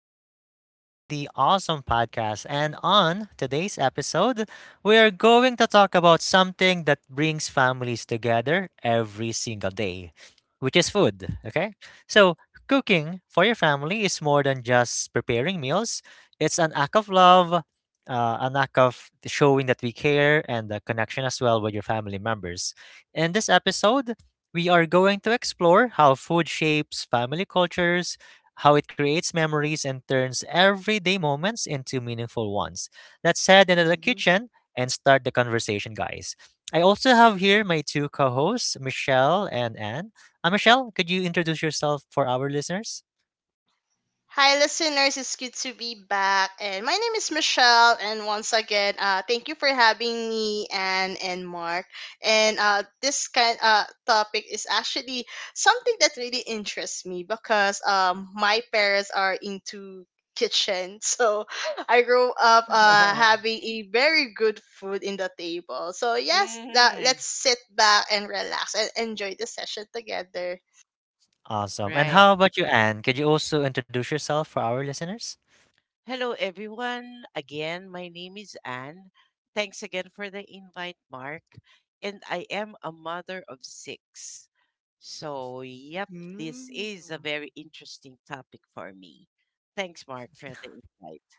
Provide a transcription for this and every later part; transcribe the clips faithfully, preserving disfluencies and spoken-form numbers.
welcome back to the awesome podcast. And on today's episode, we are going to talk about something that brings families together every single day, which is food. Okay? So, cooking for your family is more than just preparing meals, it's an act of love, uh, an act of showing that we care, and the connection as well with your family members. In this episode, we are going to explore how food shapes family cultures, how it creates memories and turns everyday moments into meaningful ones. Let's head into the Mhm. kitchen and start the conversation, guys. I also have here my two co hosts, Michelle and Anne. Uh, Michelle, could you introduce yourself for our listeners? Hi, listeners. It's good to be back. And my name is Michelle. And once again, uh, thank you for having me, Anne and Mark. And uh, this kind uh, topic is actually something that really interests me because um, my parents are into kitchen. So I grew up uh, having a very good food in the table. So, yes, uh, Mhm. let's sit back and relax and enjoy the session together. Awesome. And Right. how about you, Anne? Could you also introduce yourself for our listeners? Hello, everyone. Again, my name is Anne. Thanks again for the invite, Mark. And I am a mother of six. So, yep, this Mm. is a very interesting topic for me. Thanks, Mark, for the invite.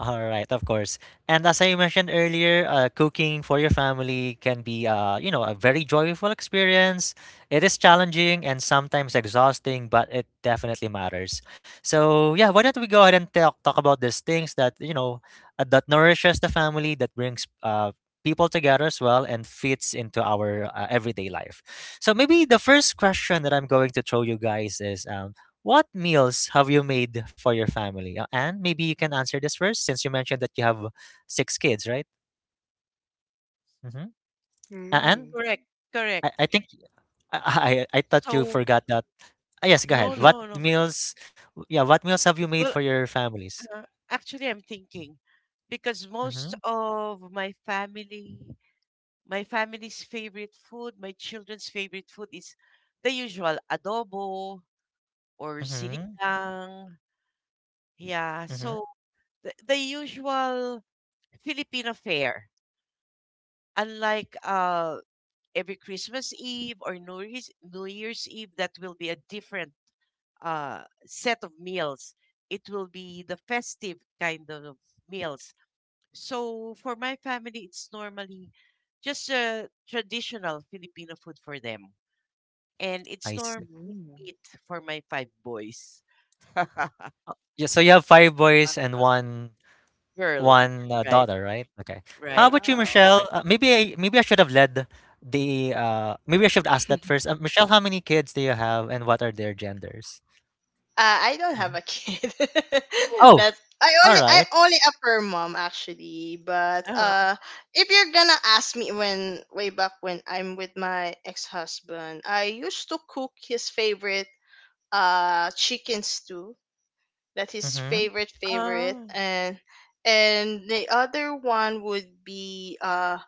All right, of course. And as I mentioned earlier, uh, cooking for your family can be, uh, you know, a very joyful experience. It is challenging and sometimes exhausting, but it definitely matters. So yeah, why don't we go ahead and talk talk about these things that you know uh, that nourishes the family, that brings uh, people together as well, and fits into our uh, everyday life. So maybe the first question that I'm going to throw you guys is, um, what meals have you made for your family? Uh, and maybe you can answer this first since you mentioned that you have six kids, right? Mm-hmm. And Mm. Correct, I, correct. I think I, I I thought you So, forgot that. Ah, yes, go no, ahead. What no, no. meals? Yeah, what meals have you made Well, for your families? uh, actually, I'm thinking because most Mm-hmm. of my family My family's favorite food, my children's favorite food is the usual adobo or Mm-hmm. sinigang. Yeah, Mm-hmm. so the, the usual Filipino fare. Unlike uh, every Christmas Eve or New Year's, New Year's Eve, that will be a different uh, set of meals. It will be the festive kind of meals. So for my family, it's normally just a traditional Filipino food for them. And I it's normally see. Mm. meat for my five boys. Yeah, so you have five boys Uh, and one. Girl, One, uh, right, daughter, right? Okay. How right. about you, Wow. That's Michelle? correct. Uh, maybe I maybe I should have led the uh maybe I should have asked that first. Uh, Michelle, how many kids do you have and what are their genders? Uh, I don't have Mhm. a kid. Oh, That's I all only I'm right. only a per mom actually. But Uh huh. uh, if you're gonna ask me, when way back when I'm with my ex husband, I used to cook his favorite uh chicken stew. That's his Mm-hmm. favorite favorite, Uh, and and the other one would be uh.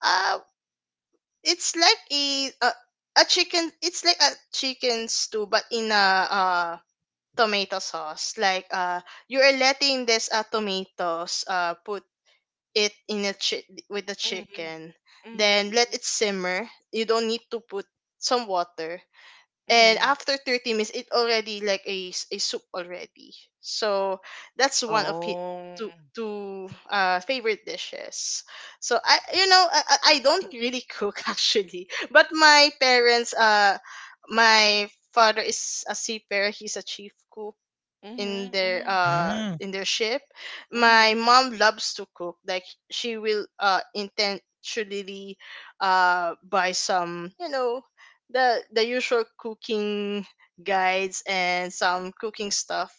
Uh, It's like a a, a chicken. It's like a chicken stew, but in a uh tomato sauce. Like, uh, you are letting this, uh, tomatoes, uh put it in a chi- with the mm-hmm, chicken. Then mm-hmm, let it simmer. You don't need to put some water, and mm-hmm. after thirty minutes it already like a, s- a soup already. So that's one of his Oh. two, two uh, favorite dishes. So I you know I, I I don't really cook actually. But my parents uh my father is a seafarer, he's a chief cook in Mm-hmm, their mm-hmm, uh Mm, in their ship. My mm-hmm. mom loves to cook. Like, she will uh intentionally uh buy some, you know the the usual cooking guides and some cooking stuff.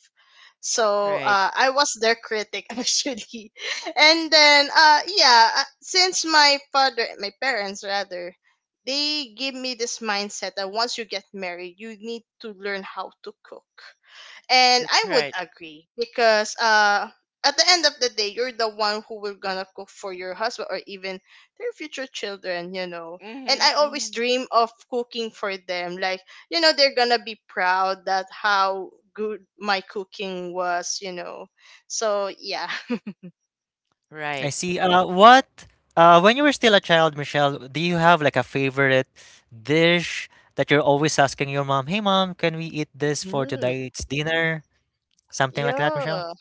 So Right. uh, I was their critic actually. And then uh yeah, uh, since my father, my parents rather, they give me this mindset that once you get married you need to learn how to cook. And That's I would right. agree, because uh at the end of the day, you're the one who will gonna cook for your husband, or even their future children you know And I Mm-hmm, always mm-hmm. dream of cooking for them, like, you know they're gonna be proud, that how good my cooking was you know So yeah. I Right. see. Uh, what uh When you were still a child, Michelle, do you have like a favorite dish that you're always asking your mom, "Hey mom, can we eat this for Mm, tonight's dinner?" Something like that, Michelle? yeah.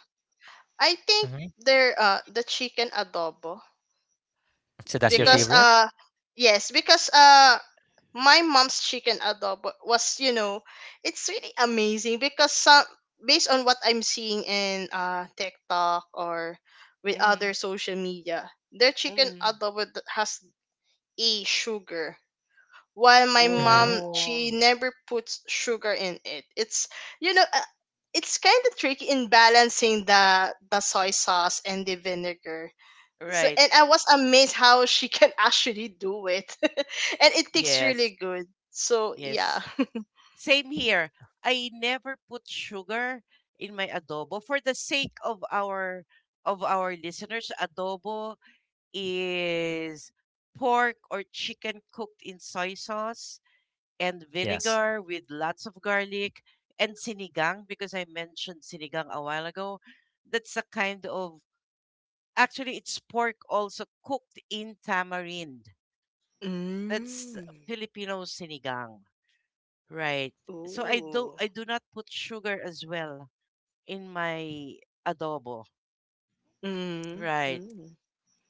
I think Mm-hmm. they're uh the chicken adobo. So that's your Yes. Because favorite? Uh yes, because uh my mom's chicken adobo was, you know, it's really amazing, because some, based on what I'm seeing in uh TikTok or with Mm-hmm, other social media, their chicken mm-hmm. adobo th- has a sugar, while my Mm-hmm. mom, she Oh. never puts sugar in it. It's you know uh, it's kind of tricky in balancing the the soy sauce and the vinegar. So, Right. and I was amazed how she can actually do it, and it tastes Yes. really good. So yeah. Yes. Same here. I never put sugar in my adobo for the sake of our of our listeners. Adobo is pork or chicken cooked in soy sauce and Yes, vinegar with lots of garlic and sinigang, because I mentioned sinigang a while ago. That's a kind of, actually, it's pork also cooked in tamarind. That's Mm. Filipino sinigang. Right. So I do Ooh. I do not put sugar as well in my adobo. Mm. Right. Mm.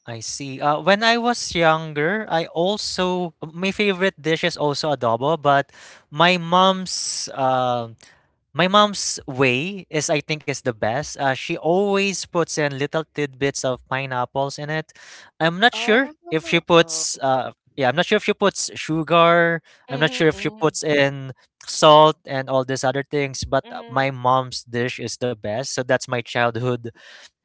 I see. Uh, when I was younger, I also, my favorite dish is also adobo, but my mom's um My mom's way is, I think, is the best. Uh, she always puts in little tidbits of pineapples in it. I'm not Oh. sure if she puts, uh, yeah, I'm not sure if she puts sugar. I'm not sure if she Mhm. puts in salt and all these other things. But Mhm. Uh, mhm. my mom's dish is the best. So that's my childhood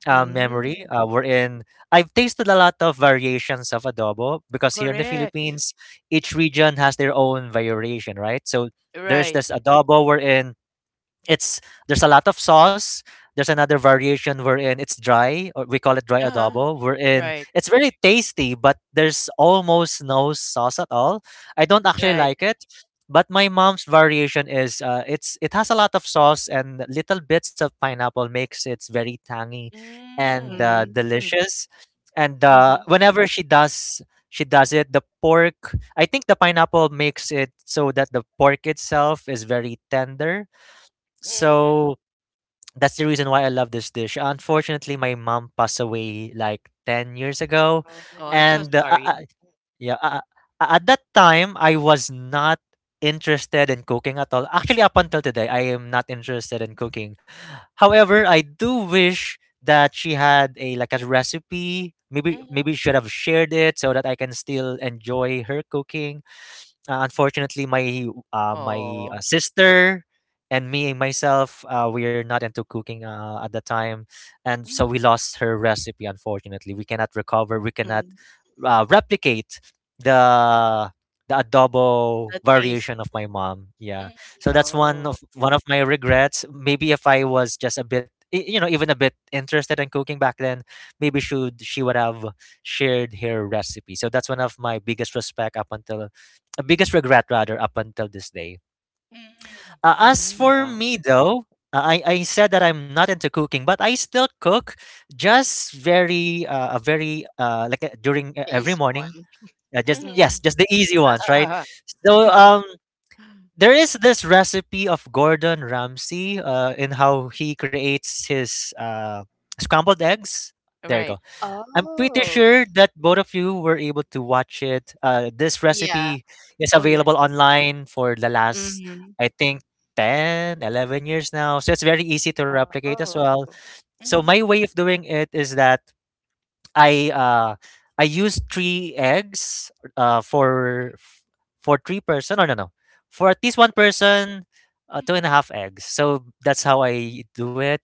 uh, memory. Uh, Mm. we're in. I've tasted a lot of variations of adobo because here in the Correct. Philippines, each region has their own variation, right? So there's Right. this adobo we're in it's there's a lot of sauce. There's another variation wherein it's dry, or we call it dry Uh-huh. adobo, wherein Right. it's very tasty, but there's almost no sauce at all. I don't actually Right. like it, but my mom's variation is uh, it's it has a lot of sauce and little bits of pineapple makes it very tangy and Mm. uh, Mm. delicious. And uh, Mhm. whenever she does she does it, the pork, I think the pineapple makes it so that the pork itself is very tender, Mm. so that's the reason why I love this dish. Unfortunately, my mom passed away like ten years ago. Oh. Oh, I'm so And uh, uh, uh, sorry. yeah, uh, uh, at that time, I was not interested in cooking at all. Actually, up until today, I am not interested in cooking. However, I do wish that she had a like a recipe. Maybe Mhm. maybe should have shared it so that I can still enjoy her cooking. Uh, unfortunately, my uh, my uh, Oh. sister and me myself, uh, we're not into cooking uh, at the time, and so Mm. we lost her recipe. Unfortunately, we cannot recover. We cannot Mm. uh, replicate the the adobo The taste. variation of my mom. Yeah, Mhm. so that's one Oh. of one of my regrets. Maybe if I was just a bit, y- you know, even a bit interested in cooking back then, maybe should she would have shared her recipe. So that's one of my biggest respect up until biggest regret rather up until this day. Mhm. Uh, as Mm. for Yeah. me though, uh, I I said that I'm not into cooking, but I still cook, just very uh, a very uh like uh, during uh, The every easy morning. one. Uh, just Mhm. Mm-hmm. yes, just the easy ones, right? So um. There is this recipe of Gordon Ramsay uh, in how he creates his uh, scrambled eggs. There you Right. go. I'm pretty Oh. sure that both of you were able to watch it. Uh, this Yeah. recipe is Oh, yes. available online for the last, Mm-hmm. I think, ten, eleven years now. So it's very easy to replicate as Oh. well. So my Mhm. way of doing it is that I uh, I use three eggs uh, for for three person. No, no, no. For at least one person, uh, two and Mhm. a half eggs. So that's how I do it,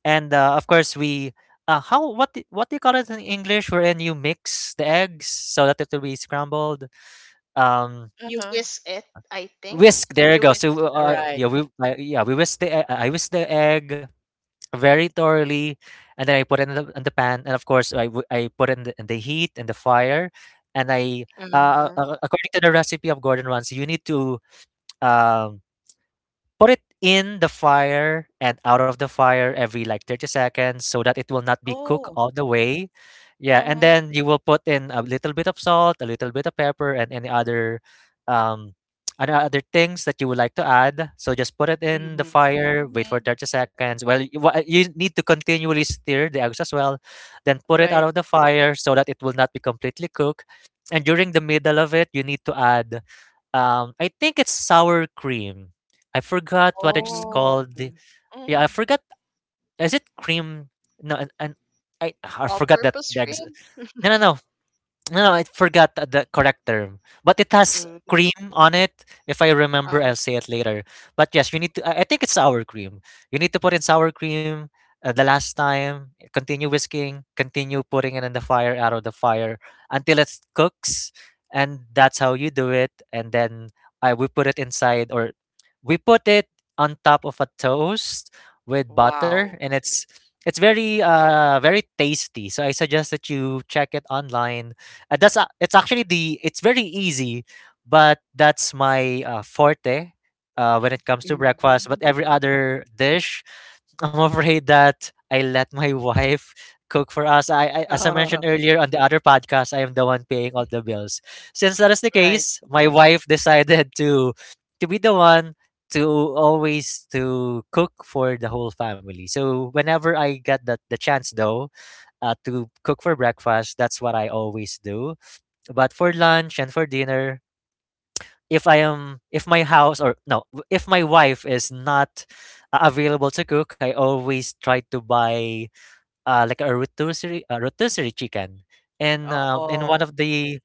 and uh, of course we uh, how what do- what do you call it in English wherein you mix the eggs so that it will be scrambled, um You Uh-huh. whisk it, I think. whisk, there you You go. whisk. So uh, All uh, right. yeah we uh, yeah we whisk the e- I whisk the egg very thoroughly, and then I put it in the, in the pan, and of course I, w- I put it in the, in the heat and the fire, and I uh, Mm-hmm. uh, according to the recipe of Gordon Ramsay you need to um put it in the fire and out of the fire every like thirty seconds so that it will not be cooked Oh. all the way. Yeah, and Uh-huh. then you will put in a little bit of salt, a little bit of pepper, and any other um and other things that you would like to add. So just put it in the Mm-hmm. fire, wait for Mhm. thirty seconds. Well, you, wha- you need to continually stir the eggs as well. Then put it Right. out of the fire so that it will not be completely cooked. And during the middle of it, you need to add um I think it's sour cream. I forgot what it's Oh. called. Mm-hmm. Yeah, I Mhm. forgot. Is it cream? No, and, and I I forgot that All-purpose the ex- train? no no no no, no, I forgot the the correct term, but it has Mm. cream on it. If I remember, Uh, I'll say it later. But yes, you need to. I I think it's sour cream. You need to put in sour cream uh, the last time. Continue whisking. Continue putting it in the fire, out of the fire until it cooks, and that's how you do it. And then I we put it inside, or we put it on top of a toast with butter, Wow. and it's. It's very uh very tasty. So I suggest that you check it online. Uh, that's a- it's actually the It's very easy, but that's my uh, forte uh, when it comes to Mm. breakfast. But mhm. every other dish, I'm afraid that I let my wife cook for us. I, I as I mentioned earlier on the other podcast, I am the one paying all the bills. Since that is the Right. case, my wife decided to to be the one to always to cook for the whole family. So whenever I get that the chance though, uh, to cook for breakfast, that's what I always do. But for lunch and for dinner, if I am if my house or no, w- if my wife is not uh, available to cook, I always try to buy uh, like a rotisserie a rotisserie chicken. And um, in one Oh, of the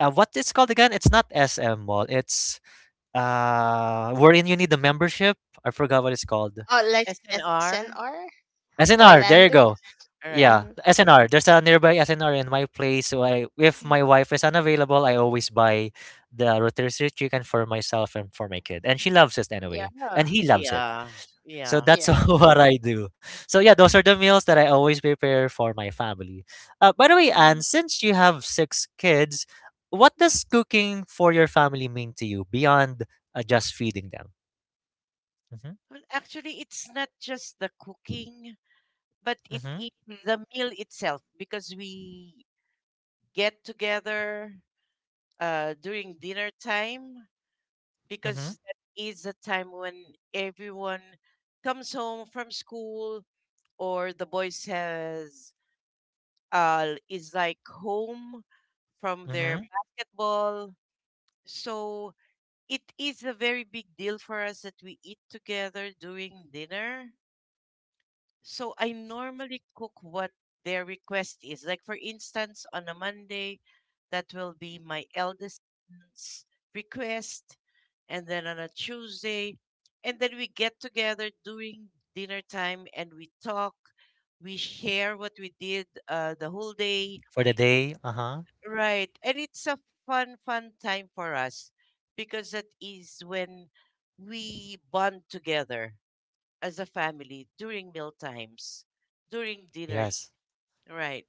uh, what it's called again? It's not S M Mall. It's uh wherein you need the membership. I forgot what it's called. Oh, like S N R. S N R or S N R. There you Landers? go. All right. Yeah, Hmm. the S N R. There's a nearby S N R in my place. So I, if Mhm. my wife is unavailable, I always buy the rotisserie chicken for myself and for my kid, and she loves it anyway, Yeah, and he loves it. Yeah. So Yeah. that's yeah. what I do. So yeah, those are the meals that I always prepare for my family. Uh, by the way, Anne, Mm. since you have six kids, what does cooking for your family mean to you beyond uh, just feeding them? Mm-hmm, Well, actually, it's not just the cooking, but it mm-hmm, is Mhm. the meal itself because we get together uh, during dinner time, mm-hmm, because that is the time when everyone comes home from school or the boys has uh, is like home from their mm-hmm. basketball. So it is a very big deal for us that we eat together during dinner. So I normally cook what their request is. Like, for instance, on a Monday, that will be my eldest son's request. And then on a Tuesday, and then we get together during dinner time and we talk. We share what we did uh, the whole day. For the day, uh huh. Right. And it's a fun, fun time for us because that is when we bond together as a family during meal times, during dinner. Yes. Right.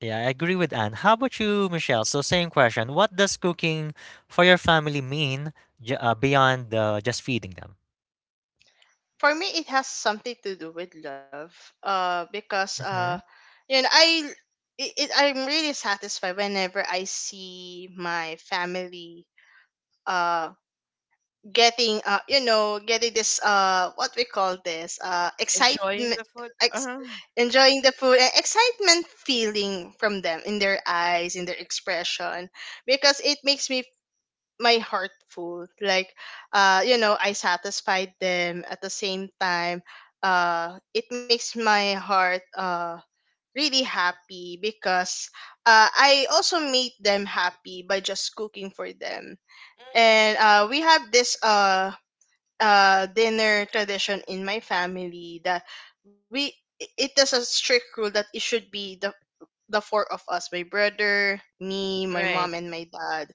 Yeah, I agree with Anne. How about you, Michelle? So, same question. What does cooking for your family mean j- uh, beyond uh, just feeding them? For me, it has something to do with love. Uh, because uh, Hmm. you know, I it, it, I'm really satisfied whenever I see my family. Uh, Getting, uh you know getting this, uh what we call this, uh Enjoying the excitement, food. ex- Uh-huh. enjoying the food and excitement feeling from them, in their eyes, in their expression, because it makes me, my heart full. Like, uh you know I satisfied them. At the same time, uh it makes my heart uh really happy, because uh I also made them happy by just cooking for them. hmm And uh we have this uh uh dinner tradition in my family that, we it is a strict rule that it should be the the four of us, my brother, me, my Right. mom, and my dad.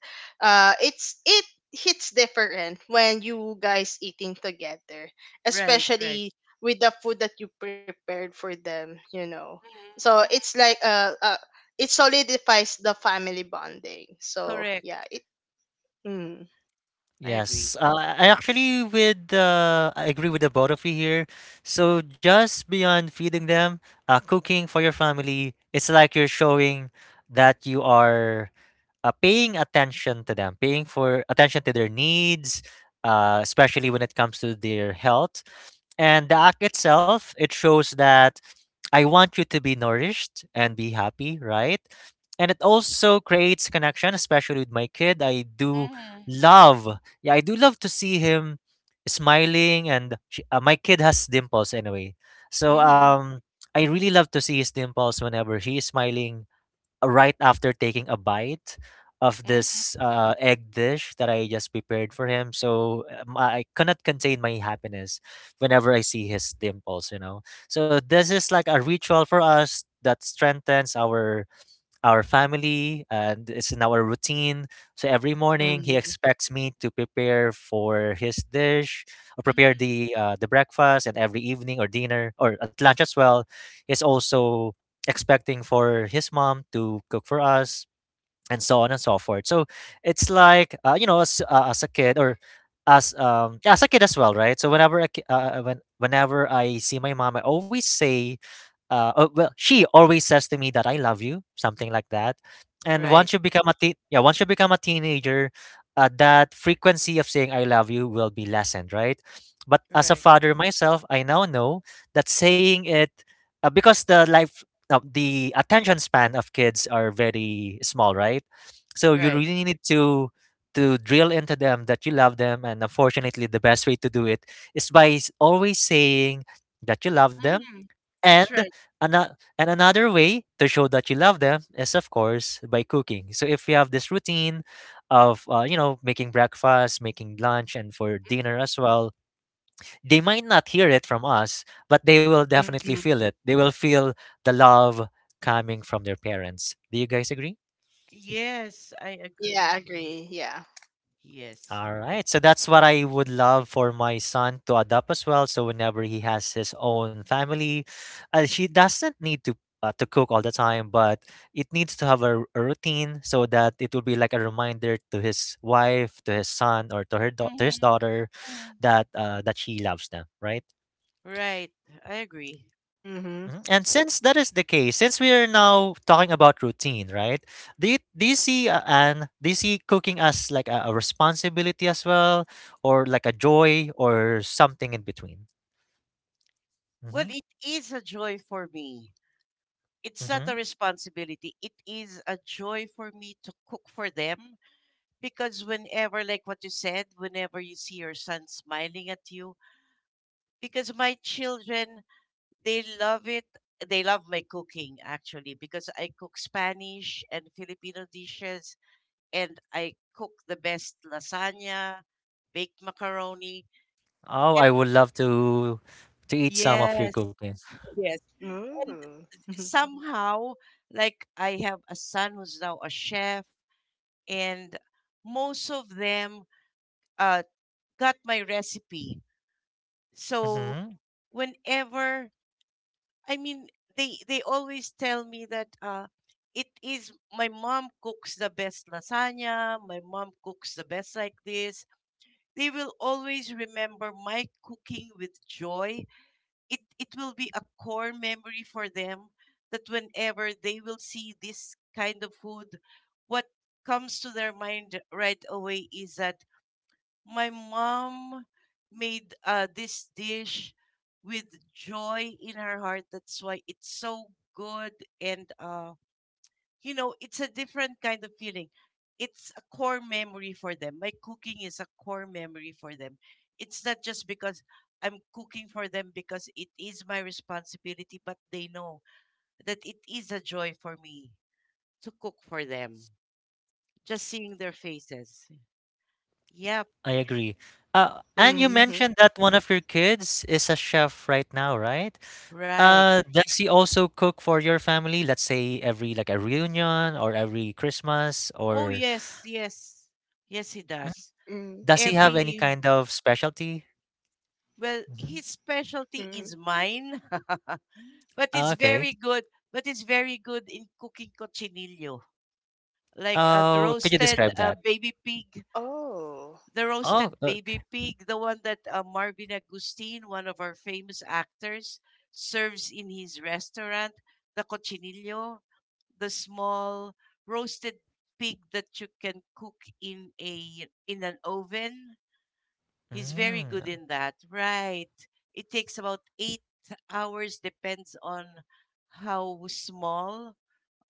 uh it's it hits different when you guys eating together, Right. Right. especially with the food that you prepared for them you know So Mm-hmm. it's like, uh, uh it solidifies the family bonding, so Correct. yeah. it Mm, I agree. Yes, uh, I actually with uh, I agree with the both of you here. So just beyond feeding them, uh, cooking for your family, it's like you're showing that you are uh, paying attention to them, paying for attention to their needs, uh, especially when it comes to their health. And the act itself, it shows that I want you to be nourished and be happy, right? And it also creates connection, especially with my kid. I do Mm-hmm. love, yeah, I do love to see him smiling, and she, uh, my kid has dimples anyway. So Mm-hmm. um, I really love to see his dimples whenever he is smiling right after taking a bite of Mm-hmm. this uh, egg dish that I just prepared for him. So um, I cannot contain my happiness whenever I see his dimples, you know. So this is like a ritual for us that strengthens our our family and it's in our routine. So every morning he mm, expects me to prepare for his dish or prepare Mm-hmm. the uh, the breakfast and every evening or dinner or at lunch as well is also expecting for his mom to cook for us and so on and so forth. So it's like uh, you know as uh, as a kid or as um yeah, as a kid as well, right? So whenever I, ki- uh, when whenever I see my mom, I always say uh, oh, well, she always says to me that I love you, something like that. And Right. once you become a teen, yeah, once you become a teenager, uh, that frequency of saying I love you will be lessened, right? But as a Right. father myself, I now know that saying it uh, because the life, uh, the attention span of kids are very small, right? So you Right. really need to to drill into them that you love them, and unfortunately, the best way to do it is by s- always saying that you love them Mm-hmm. and That's right. ano- and another way to show that you love them is, of course, by cooking. So if you have this routine of uh, you know making breakfast, making lunch, and for dinner as well, they might not hear it from us, but they will definitely mm. feel it. They will feel the love coming from their parents. Do you guys agree? Yes, I Yeah, I agree. agree, yeah. Yes. All right. So that's what I would love for my son to adopt as well. So whenever he has his own family, uh, she doesn't need to uh, to cook all the time, but it needs to have a, r- a routine so that it will be like a reminder to his wife, to his son, or to her dau- to his Mm-hmm. daughter that uh, that she loves them, right? Right. I agree. Mm-hmm. Mhm. And since that is the case, since we are now talking about routine, right? Do you, do you see uh, and do you see cooking as like a, a responsibility as well, or like a joy, or something in between? Well, Mm-hmm. it is a joy for me. It's not Mm-hmm. a responsibility. It is a joy for me to cook for them, because whenever, like what you said, whenever you see your son smiling at you, because my children, they love it. They love my cooking, actually, because I cook Spanish and Filipino dishes and I cook the best lasagna, baked macaroni. Oh, I And would love to to eat some of your yes, cooking. yes. And Ooh. somehow, like I have a son who's now a chef, and most of them uh, got my recipe. So Mm-hmm. whenever, I mean, they they always tell me that uh it is my mom cooks the best lasagna, my mom cooks the best like this. They will always remember my cooking with joy. It it will be a core memory for them, that whenever they will see this kind of food, what comes to their mind right away is that my mom made uh, this dish with joy in her heart. That's why it's so good. And uh, you know, it's a different kind of feeling. It's a core memory for them. My cooking is a core memory for them. It's not just because I'm cooking for them because it is my responsibility, but they know that it is a joy for me to cook for them. Just seeing their faces. Yep, I agree. Uh, and you mentioned Mhm. that one of your kids is a chef right now, right? right. Uh, does he also cook for your family? Let's say every like a reunion or every Christmas Oh, or yes, yes. Yes, he Mm. does. Does Mm, he have any Every, kind of specialty? well, Mhm. his specialty is mhm. mine. But Ah, it's okay. very good. But it's very good in cooking cochinillo, like uh, the Oh, could you roasted describe uh, that? baby pig, Oh. the Oh, roasted okay. baby pig, the one that uh, Marvin Agustin, one of our famous actors, serves in his restaurant. The cochinillo, the small roasted pig that you can cook in a in an oven. He's very good Mm. in that. Right. It takes about eight hours, depends on how small,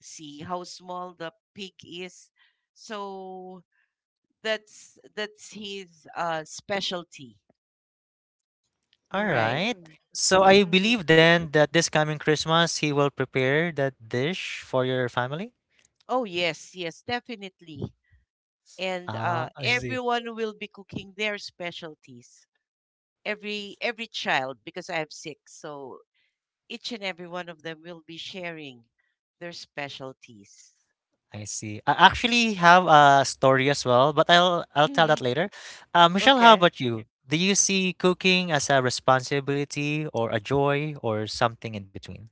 see, how small the pig is. So that's that's his uh specialty. All Right. right. Mm, So I believe mhm. then that this coming Christmas he will prepare that dish for your family? Oh yes, yes, definitely. And Ah, uh I see. everyone will be cooking their specialties. Every every child, because I have six, so each and every one of them will be sharing their specialties. I see. I actually have a story as well, but I'll I'll tell Mm-hmm. that later. Uh, Michelle, how Okay. about you? Do you see cooking as a responsibility or a joy or something in between?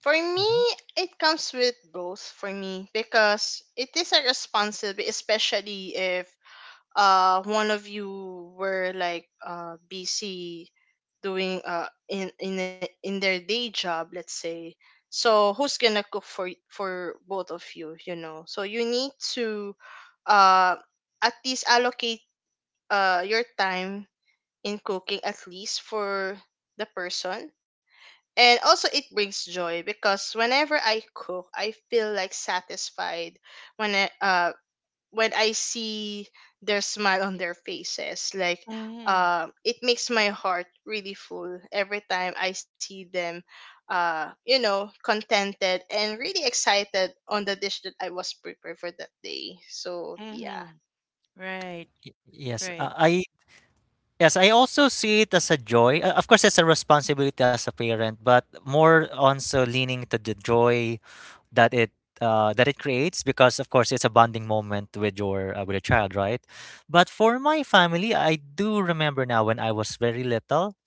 For me, Mm-hmm. it comes with both, for me, because it is a responsibility, especially if uh one of you were like uh busy doing uh in in a- in their day job, let's say. So who's gonna cook for y- for both of you, you know? So you need to uh at least allocate uh, your time in cooking, at least for the person. And also, it brings joy, because whenever I cook, I feel like satisfied when I, uh, when I see their smile on their faces. Like, hmm uh, it makes my heart really full every time I see them, uh, you know, contented and really excited on the dish that I was prepared for that day. So, yeah. hmm Right. Yes, Right. uh, I Yes, I also see it as a joy. Uh, Of course, it's a responsibility as a parent, but more on so leaning to the joy that it uh, that it creates because, of course, it's a bonding moment with your uh, with a child, right? But for my family, I do remember now when I was very little.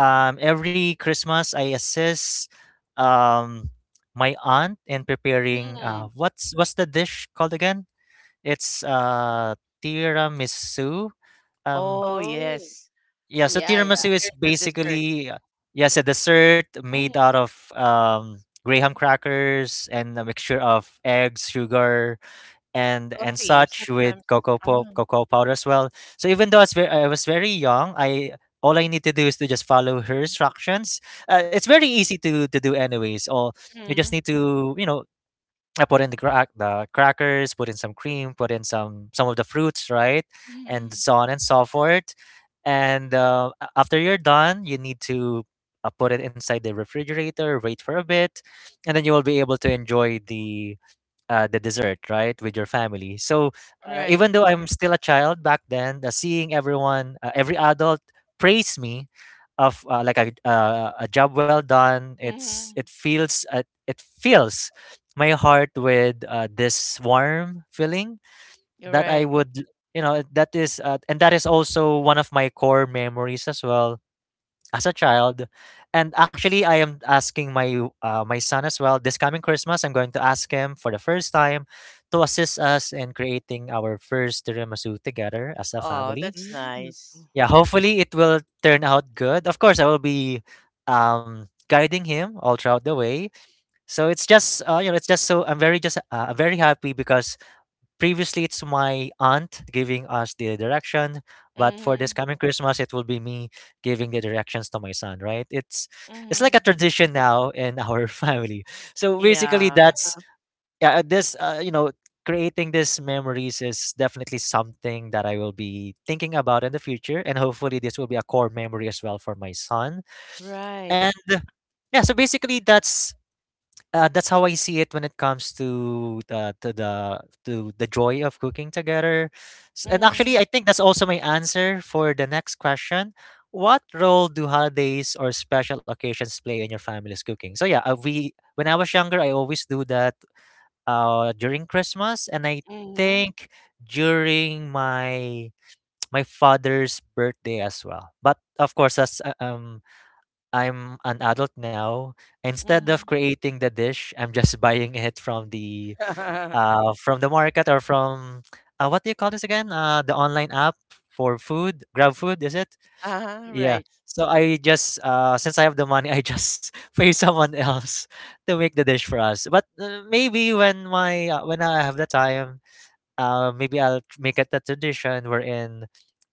Um, every Christmas, I assist um, my aunt in preparing Mm. uh, what's what's the dish called again? It's uh, tiramisu. Um, Oh Oh, yes. yeah, so yeah, It's a yeah. tiramisu very is good dessert. basically uh, yes, a dessert Mm. made out of um, graham crackers and a mixture of eggs, sugar, and and Coffee such sometimes. with cocoa po- Um, cocoa powder as well. So even though I was very, I was very young, I all I need to do is to just follow her instructions. Uh, it's very easy to to do anyways. Or you just mm. need to you know I put in the crack the crackers, put in some cream, put in some some of the fruits, right, and hmm so on and so forth. And uh, a- after you're done, you need to uh, put it inside the refrigerator, wait for a bit, and then you will be able to enjoy the uh, the dessert, right, with your family. So uh, Right. even though I'm still a child back then, uh, seeing everyone, uh, every adult praise me of uh, like a uh, a job well done. It's hmm it feels uh, it fills my heart with uh, this warm feeling You're that right. I would you know that is uh, and that is also one of my core memories as well as a child. And actually, I am asking my uh, my son as well. This coming Christmas, I'm going to ask him for the first time to assist us in creating our first tiramisu together as a Oh, family. that's Mm. nice. Yeah, hopefully it will turn out good. Of course, I will be um guiding him all throughout the way. So it's just uh, you know it's just so I'm very just uh, very happy because previously, it's my aunt giving us the direction, but for Hmm this coming Christmas, it will be me giving the directions to my son. Right? It's it's like a hmm tradition now in our family. So basically, Yeah. Uh, that's yeah. uh, This uh, you know, creating these memories is definitely something that I will be thinking about in the future, and hopefully, this will be a core memory as well for my son. Right. And yeah, so basically, that's uh, that's how I see it when it comes to the to the to the joy of cooking together. S- And hmm actually, I think that's also my answer for the next question. What role do holidays or special occasions play in your family's cooking? So yeah, uh, we when I was younger, I always do that uh, during Christmas, and I hmm think during my my father's birthday as well. But of course, that's uh, um I'm an adult now. Instead hmm of creating the dish, I'm just buying it from the Uh-huh, uh from the market or from uh, what do you call this again? Uh, the online app for food, Grab Food, is it? right. Yeah. So I just uh since I have the money, I just pay someone else to make the dish for us. But uh, maybe when my uh, when I have the time, uh maybe I'll tr- make it a tradition wherein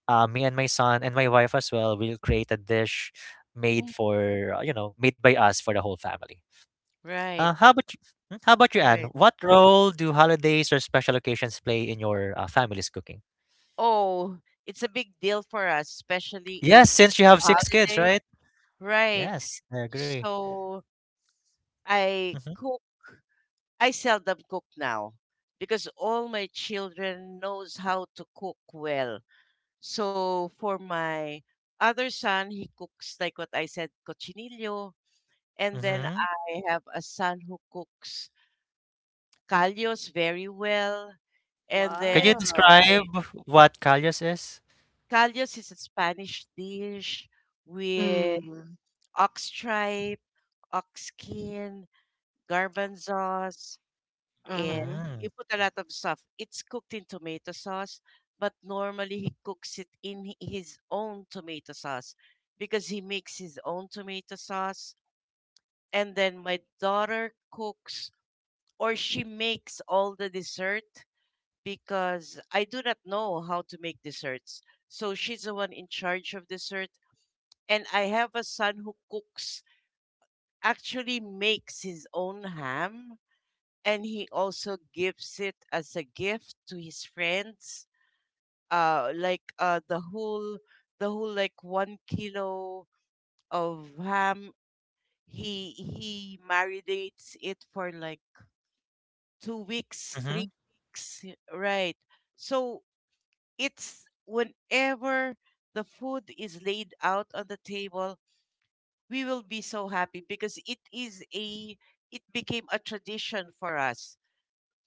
uh, me and my son and my wife as well will create a dish made Mm. for uh, you know made by us for the whole family. Right. Uh, how about you? mm, How about you, Right. Anne? What role do holidays or special occasions play in your uh, family's cooking? Oh, it's a big deal for us, especially if Yes, since you have six kids, holiday. right? Right. Yes, I agree. So I Mm-hmm. cook. I seldom cook now because all my children knows how to cook well. So for my other son, he cooks like what I said, cochinillo, and then Mm-hmm. I have a son who cooks callos very well, and Can then you wow. I, describe what Kalyas is? callos is a Spanish dish with Mm. ox tripe, ox skin, garbanzos, and Mhm. you Mm. put a lot of stuff. It's cooked in tomato sauce, but normally he cooks it in hi- his own tomato sauce because he makes his own tomato sauce. And then my daughter cooks, or she makes all the dessert, because I do not know how to make desserts. So she's the one in charge of dessert. And I have a son who cooks, actually makes his own ham, and he also gives it as a gift to his friends, uh like uh the whole the whole like one kilo of ham. He he marinates it for like two weeks, Mm-hmm. three weeks, y- right. So it's whenever the food is laid out on the table, we will be so happy because it is a it became a tradition for us.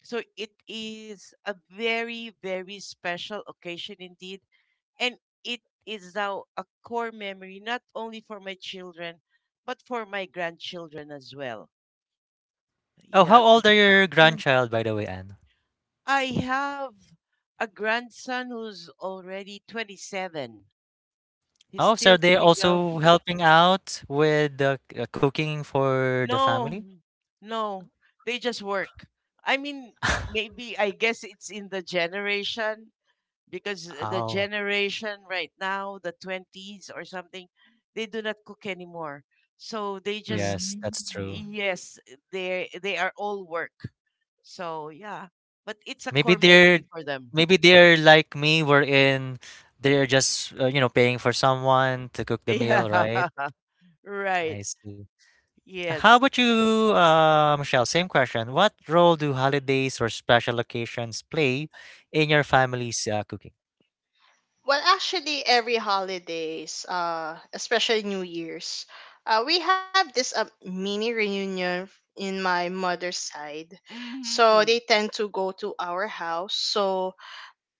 So it is a very, very special occasion indeed. And it is now a core memory, not only for my children, but for my grandchildren as well. Oh, Yeah. how old are your Mm. grandchild, by the way, Anne? I have a grandson who's already twenty-seven. He's Oh, so are still they single. also helping out with the c- uh, cooking for the No, family? no, they just work. I mean, maybe I guess it's in the generation, because uh, the Oh, generation right now, the twenties or something, they do not cook anymore. So they just, yes, Mm. that's true. yes, they they are all work. So yeah, but it's a Maybe core they're memory for them. Maybe they're like me, wherein they're just uh, you know paying for someone to cook the meal, right? Yeah. Right. I see. How Yes. about you, uh, Michelle? Same question. What role do holidays or special occasions play in your family's uh, cooking? Well, actually, every holidays, uh, especially New Year's, uh, we have this, uh, mini reunion, f- in my mother's side. So they Mhm. tend to go to our house. So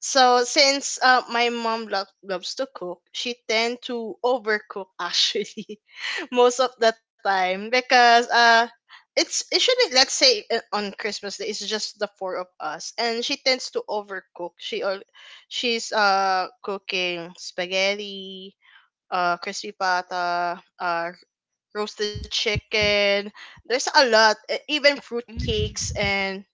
So since, uh, my mom lo- loves to cook, she tend to overcook actually most of the time, because uh it's usually, let's say, uh, on Christmas Day, it's just the four of us, and she tends to overcook. She all she's uh cooking spaghetti, uh crispy pata, uh roasted chicken. There's a lot, e- even fruit Mhm. cakes, and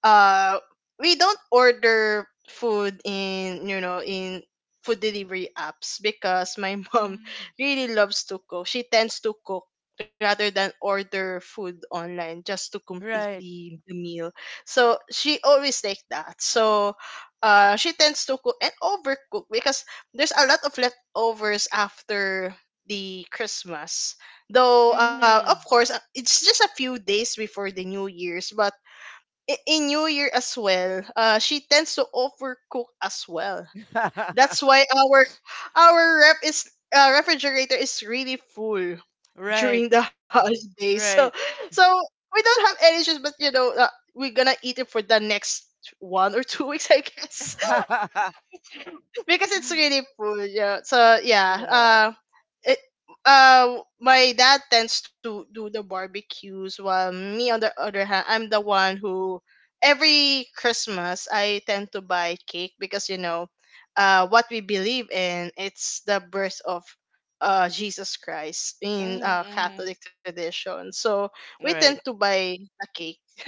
uh we don't order food in, you know in food delivery apps, because my mom Mhm. really loves to cook. She tends to cook rather than order food online, just to complete Right. the, the meal. So she always like that. So uh she tends to cook and overcook, because there's a lot of leftovers after the Christmas, though, uh of Mhm. course, uh, it's just a few days before the New Year's. But i- in New Year as well, uh, she tends to overcook as well. That's why our our rep is uh, refrigerator is really full Right. during the holidays. So Right. so we don't have any issues, but you know uh, we're gonna eat it for the next one or two weeks, I guess, because it's really full. Yeah. So yeah. Yeah. Uh it, uh, my dad tends to do the barbecues, while me on the other hand, I'm the one who every Christmas I tend to buy cake, because you know uh, what we believe in, it's the birth of uh, Jesus Christ in Mhm. Uh, mhm. Catholic tradition. So we tend to Right. buy a cake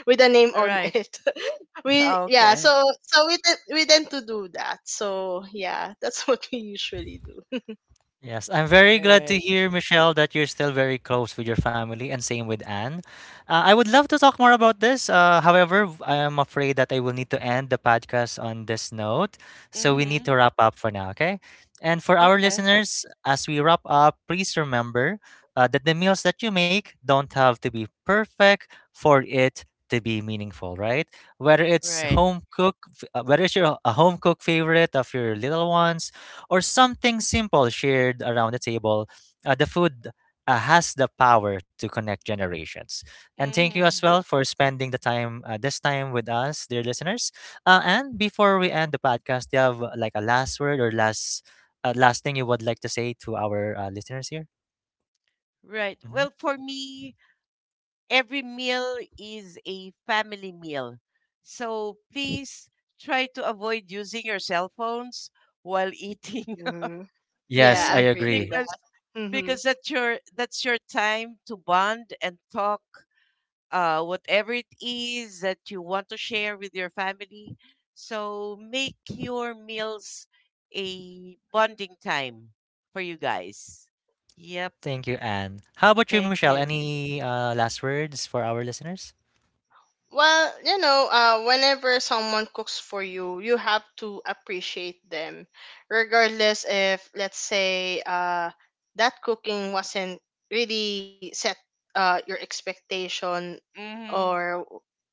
with the name on Right. it. we Yeah. Okay. So so we, tend we tend to do that, so yeah. That's what we usually Yes, I'm very glad to Right. hear, Michelle, that you're still very close with your family, and same with Anne. Uh, I would love to talk more about this. Uh, however, v- I am afraid that I will need to end the podcast on this note. So we need to Mhm. wrap up for now, okay? And for our Okay. listeners, as we wrap up, please remember uh, that the meals that you make don't have to be perfect for it to be meaningful, right? Whether it's Right. home cook, f- uh, whether it's your a home cook favorite of your little ones or something simple shared around the table, uh, the food uh, has the power to connect generations. And thank you as Mhm. well for spending the time uh, this time with us, dear listeners. Uh, and before we end the podcast, do you have uh, like a last word or last uh, last thing you would like to say to our uh, listeners here? Right. hmm Well, for me, every meal is a family meal. So please try to avoid using your cell phones while eating do. Yes, Yeah, I I agree with agree. that. because Hmm. because that's your that's your time to bond and talk uh, whatever it is that you want to share with your family. So make your meals a bonding time for you guys. Yep. Thank you, Anne. How about you, Thank Michelle? you. Any uh, last words for our listeners? Well, you know, uh, whenever someone cooks for you, you have to appreciate them, regardless if, let's say, uh, that cooking wasn't really set uh, your expectation, Mm-hmm. or,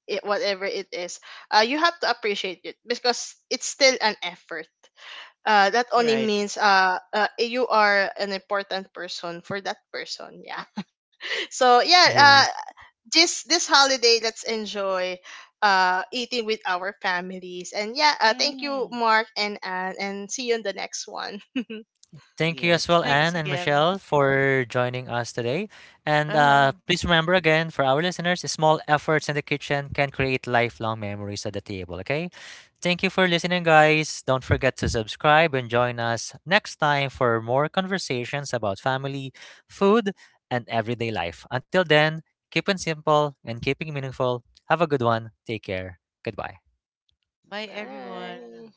it, whatever it is. Uh, you have to appreciate it, because it's still an effort. Uh, that only Right. means, uh, uh, you are an important person for that person. Yeah. So yeah, Yes. uh this this holiday let's enjoy uh eating with our families. And yeah, uh, thank Mm-hmm. you, Mark and Anne, and see you in the next one. Thank you Yes. as well, Thanks Anne and again. Michelle, for joining us today. And uh, Uh-huh. please remember again for our listeners, small efforts in the kitchen can create lifelong memories at the table, okay? Thank you for listening, guys. Don't forget to subscribe and join us next time for more conversations about family, food, and everyday life. Until then, keep it simple and keeping meaningful. Have a good one. Take care. Goodbye. Bye, everyone. Bye.